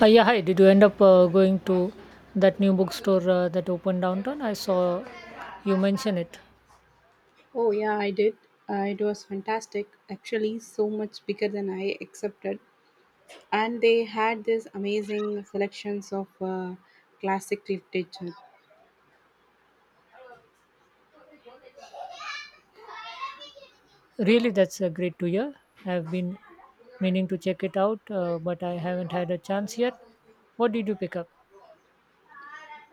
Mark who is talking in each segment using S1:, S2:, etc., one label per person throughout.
S1: Yeah, hi. Did you end up going to that new bookstore that opened downtown? I saw you mention it.
S2: Oh, yeah, I did. It was fantastic. Actually, so much bigger than I accepted. And they had this amazing selections of classic literature.
S1: Really, that's great to hear. I've been meaning to check it out, but I haven't had a chance yet. What did you pick up?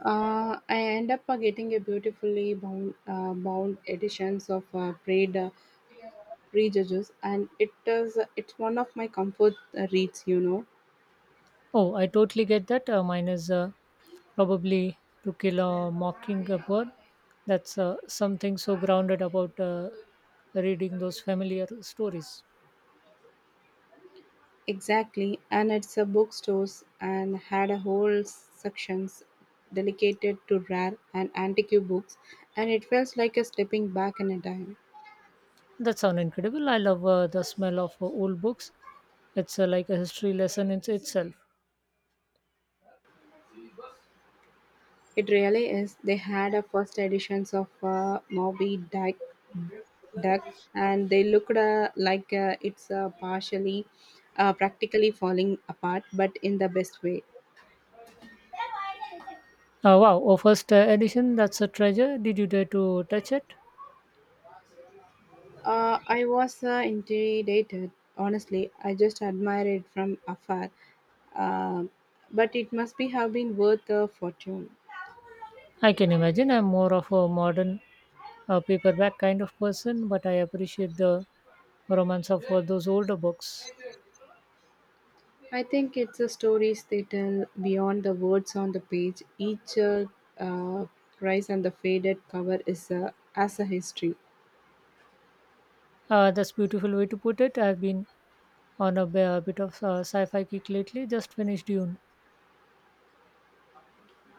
S2: I end up getting a beautifully bound editions of Prayed Prejudice, and it's one of my comfort reads.
S1: Oh, I totally get that. Mine is probably To Kill a Mockingbird. That's something so grounded about reading those familiar stories.
S2: Exactly, and it's a bookstores and had a whole sections dedicated to rare and antique books, and it felt like a stepping back in a time.
S1: That sounds incredible. I love the smell of old books. It's like a history lesson in itself.
S2: It really is. They had a first editions of Moby Dick, Duck, and they looked like practically falling apart, but in the best way.
S1: Wow, oh, first edition, that's a treasure. Did you dare to touch it?
S2: I was intimidated, honestly. I just admired it from afar. Um but it must be have been worth a fortune.
S1: I can imagine. I'm more of a modern paperback kind of person, but I appreciate the romance of those older books.
S2: I think it's the stories they tell beyond the words on the page. Each uh, Rise and the faded cover is as a history.
S1: That's beautiful way to put it. I've been on a bit of sci-fi kick lately. Just finished Dune.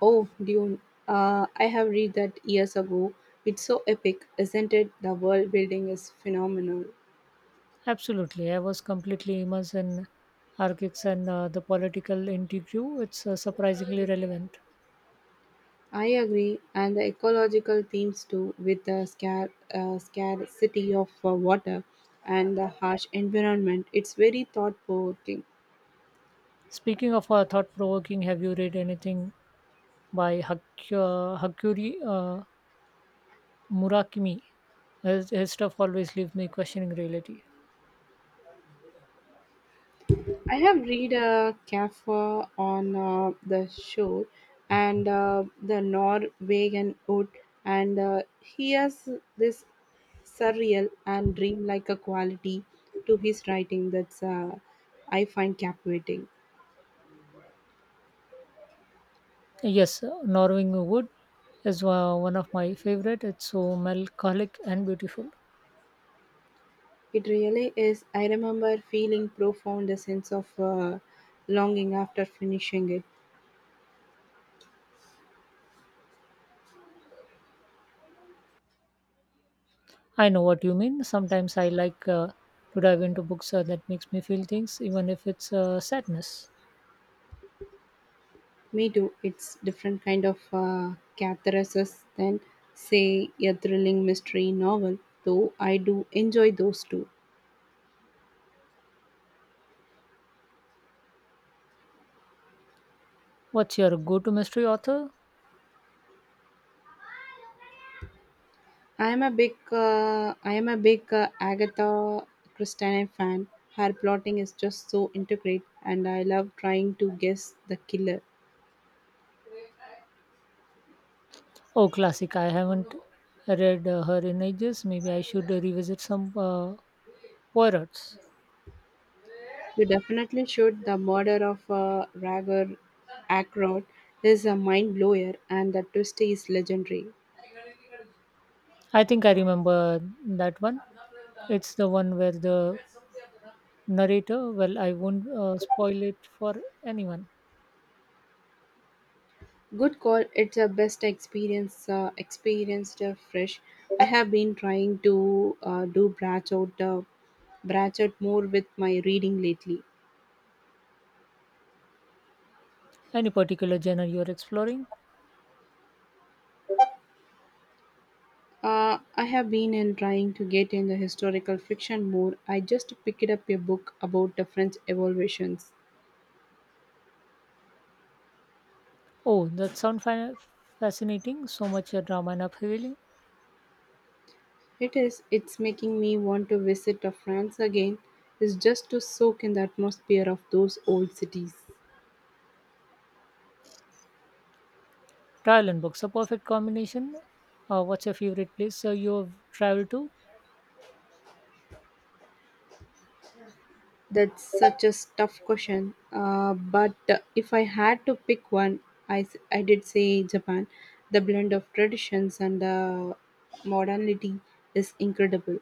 S2: Oh, Dune. I have read that years ago. It's so epic, isn't it? The world building is phenomenal.
S1: Absolutely. I was completely immersed in archaics and the political intrigue. It's surprisingly relevant.
S2: I agree, and the ecological themes too, with the scarcity of water and the harsh environment. It's very thought provoking.
S1: Speaking of thought provoking, have you read anything by Hakuri Murakami? His stuff always leaves me questioning reality.
S2: I have read a Kafka on the shore and the Norwegian wood, and he has this surreal and dreamlike a quality to his writing that's I find captivating.
S1: Yes, Norwing Wood is one of my favorite. It's so melancholic and beautiful.
S2: It really is. I remember feeling profound a sense of longing after finishing it.
S1: I know what you mean. Sometimes I like to dive into books that makes me feel things, even if it's sadness.
S2: Me too. It's different kind of catharsis than say a thrilling mystery novel, though I do enjoy those too.
S1: What's your go-to mystery author?
S2: I am a big Agatha Christie fan. Her plotting is just so intricate and I love trying to guess the killer.
S1: Oh, classic. I haven't read her in ages. Maybe I should revisit some Poirot's.
S2: You definitely should. The murder of Ragar Ackroyd is a mind blower, and the twist is legendary.
S1: I think I remember that one. It's the one where the narrator, well, I won't spoil it for anyone.
S2: Good call. It's a best experienced fresh. I have been trying to do branch out more with my reading lately.
S1: Any particular genre you're exploring?
S2: I have been in trying to get in the historical fiction more. I just picked up a book about the French evolutions.
S1: Oh, that sounds fascinating. So much drama and uphealing.
S2: It is. It's making me want to visit France again. Is just to soak in the atmosphere of those old cities.
S1: Travel and books, a perfect combination. What's your favorite place you've traveled to?
S2: That's such a tough question. But if I had to pick one, I did say Japan. The blend of traditions and the modernity is incredible.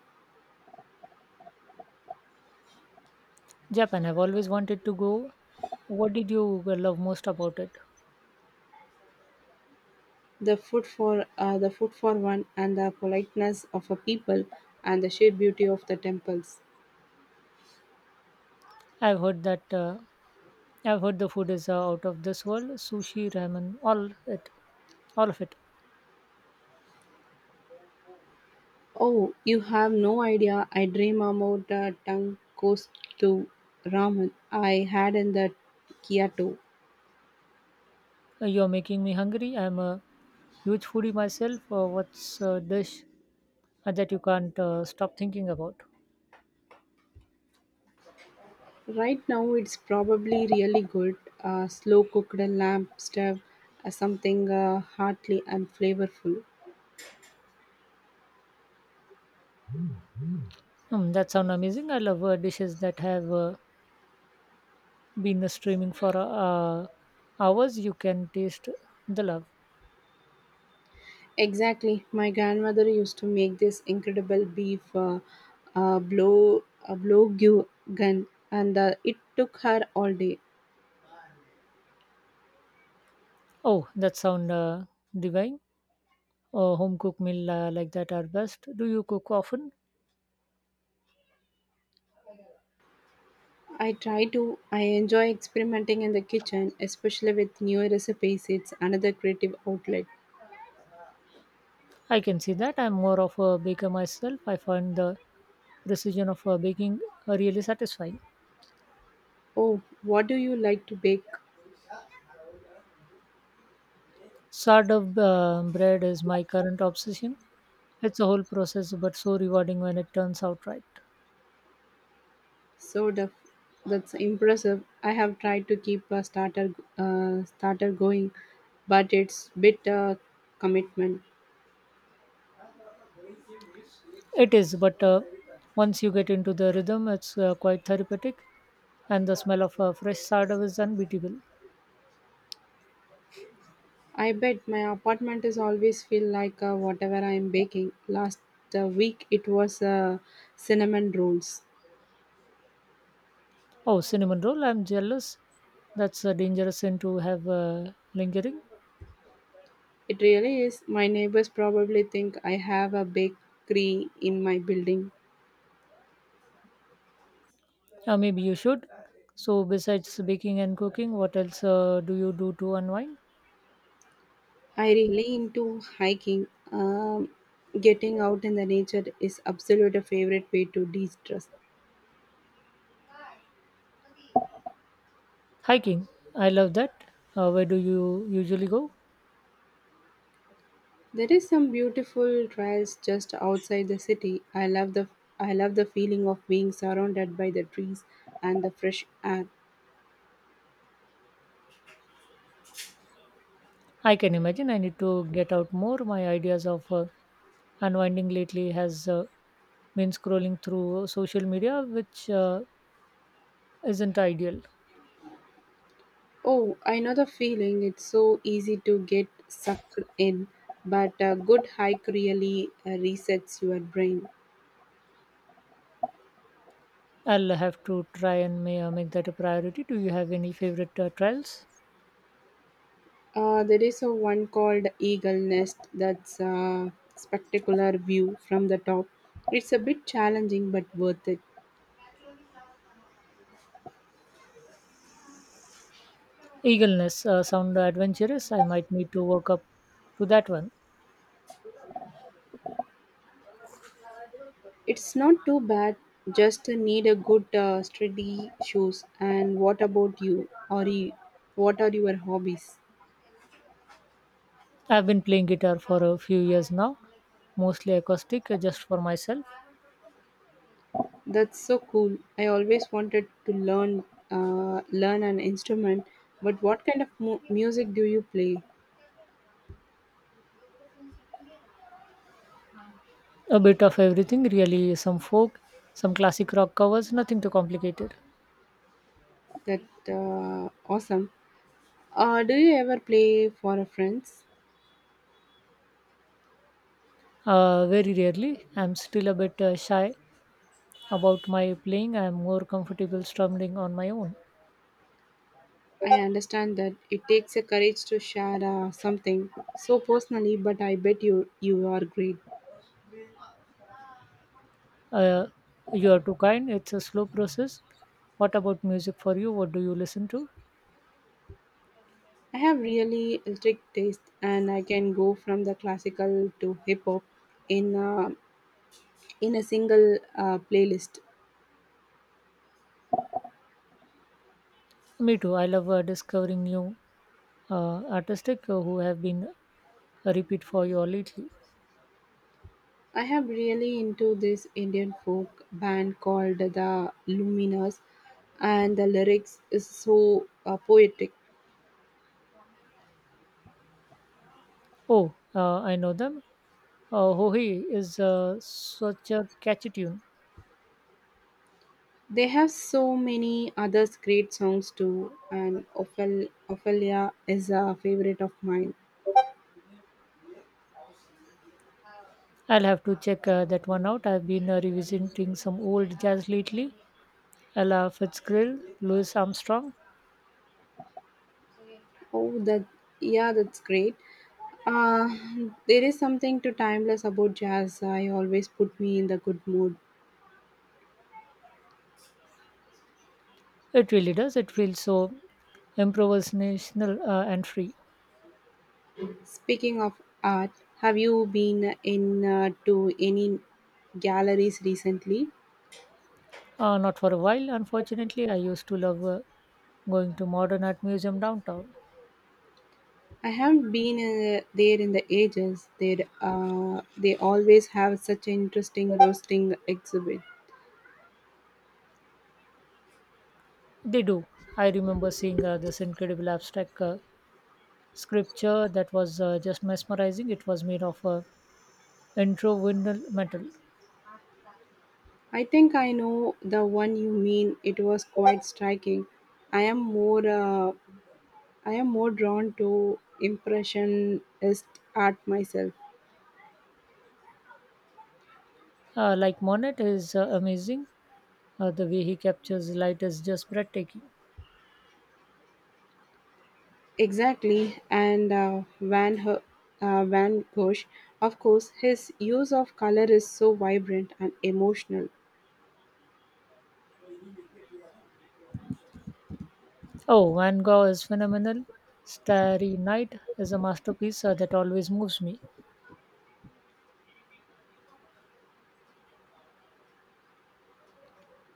S1: Japan, I've always wanted to go. What did you love most about it?
S2: The food for one and the politeness of a people and the sheer beauty of the temples.
S1: I've heard that uh, I've heard the food is out of this world. Sushi, ramen, all of it.
S2: Oh, you have no idea. I dream about the tongue goes to ramen I had in the Kyoto.
S1: You're making me hungry. I'm a huge foodie myself. What's a dish that you can't stop thinking about?
S2: Right now, it's probably really good. Slow cooked lamb stuff, something hearty and flavorful.
S1: Hmm, that sounds amazing. I love dishes that have been streaming for hours. You can taste the love.
S2: Exactly. My grandmother used to make this incredible beef blow gun, and it took her all day.
S1: Oh, that sound divine. Home cooked meal like that are best. Do you cook often?
S2: I try to. I enjoy experimenting in the kitchen, especially with new recipes. It's another creative outlet.
S1: I can see that. I'm more of a baker myself. I find the precision of baking really satisfying.
S2: Oh, what do you like to bake?
S1: Sourdough bread is my current obsession. It's a whole process, but so rewarding when it turns out right.
S2: So the, that's impressive. I have tried to keep a starter going, but it's bit commitment.
S1: It is, but once you get into the rhythm, it's quite therapeutic, and the smell of fresh sourdough is unbeatable.
S2: I bet my apartment is always feel like whatever I am baking. Last week it was cinnamon rolls.
S1: Oh, cinnamon roll! I'm jealous. That's a dangerous sin to have lingering.
S2: It really is. My neighbors probably think I have a bakery in my building.
S1: Or maybe you should. So, besides baking and cooking, what else do you do to unwind?
S2: I really into hiking. Getting out in the nature is absolute a favorite way to de-stress.
S1: Hiking. I love that. Where do you usually go?
S2: There is some beautiful trails just outside the city. I love the feeling of being surrounded by the trees and the fresh air.
S1: I can imagine. I need to get out more. My ideas of unwinding lately has been scrolling through social media, which isn't ideal.
S2: Oh, I know the feeling. It's so easy to get sucked in, but a good hike really resets your brain.
S1: I'll have to try and make that a priority. Do you have any favorite trails?
S2: There is a one called Eagle Nest that's a spectacular view from the top. It's a bit challenging but worth it.
S1: Eagleness sound adventurous. I might need to work up to that one.
S2: It's not too bad, just need a good steady shoes. And what about you? Or you, what are your hobbies?
S1: I've been playing guitar for a few years now, mostly acoustic, just for myself.
S2: That's so cool. I always wanted to learn an instrument, but what kind of music do you play?
S1: A bit of everything, really, some folk, some classic rock covers, nothing too complicated.
S2: That awesome. Do you ever play for a friends?
S1: Very rarely. I'm still a bit shy about my playing. I'm more comfortable strumming on my own.
S2: I understand that it takes a courage to share something so personally, but I bet you are great.
S1: Uh, you are too kind. It's a slow process. What about music for you? What do you listen to?
S2: I have really strict taste, and I can go from the classical to hip hop in uh, in a single playlist.
S1: Me too. I love discovering new artistic who have been a repeat for you all lately.
S2: I have really into this Indian folk band called the Luminas, and the lyrics is so poetic.
S1: Oh, I know them. Hohi is such a catchy tune.
S2: They have so many others great songs too, and Ophelia is a favorite of mine.
S1: I'll have to check that one out. I've been revisiting some old jazz lately. Ella Fitzgerald, Louis Armstrong.
S2: Oh, that, yeah, that's great. Uh, there is something to timeless about jazz. I always put me in the good mood.
S1: It really does. It feels so improvisational and free.
S2: Speaking of art, have you been in to any galleries recently?
S1: Not for a while, unfortunately. I used to love going to Modern Art Museum downtown.
S2: I haven't been there in the ages. They always have such interesting roasting exhibit.
S1: They do. I remember seeing this incredible abstract scripture that was just mesmerizing. It was made of Introvinyl metal.
S2: I think I know the one you mean. It was quite striking. I am more uh, I am more drawn to impressionist art myself.
S1: Like Monet is amazing. The way he captures light is just breathtaking.
S2: Exactly, and Van Gogh, of course, his use of color is so vibrant and emotional.
S1: Oh, Van Gogh is phenomenal. Starry Night is a masterpiece that always moves me.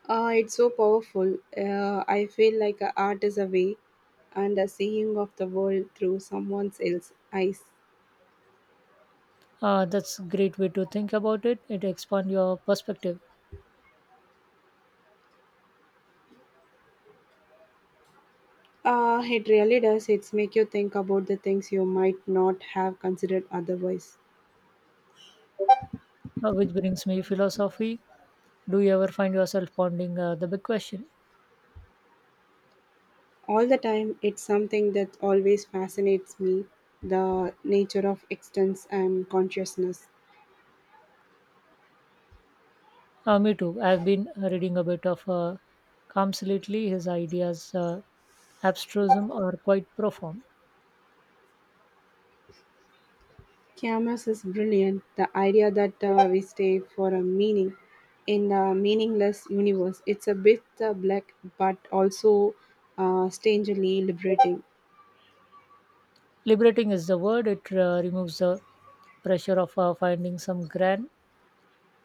S2: It's so powerful. I feel like art is a way and a seeing of the world through someone else's eyes.
S1: That's a great way to think about it. It expands your perspective,
S2: It really does. It's make you think about the things you might not have considered otherwise.
S1: which brings me philosophy. Do you ever find yourself pondering the big question?
S2: All the time, it's something that always fascinates me the nature of existence and consciousness.
S1: Me too. I've been reading a bit of Combs lately. His ideas, abstrusism, are quite profound.
S2: Camus is brilliant. The idea that we stay for a meaning in a meaningless universe. It's a bit black, but also strangely liberating.
S1: Liberating is the word. It removes the pressure of finding some grand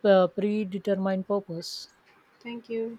S1: predetermined purpose.
S2: Thank you.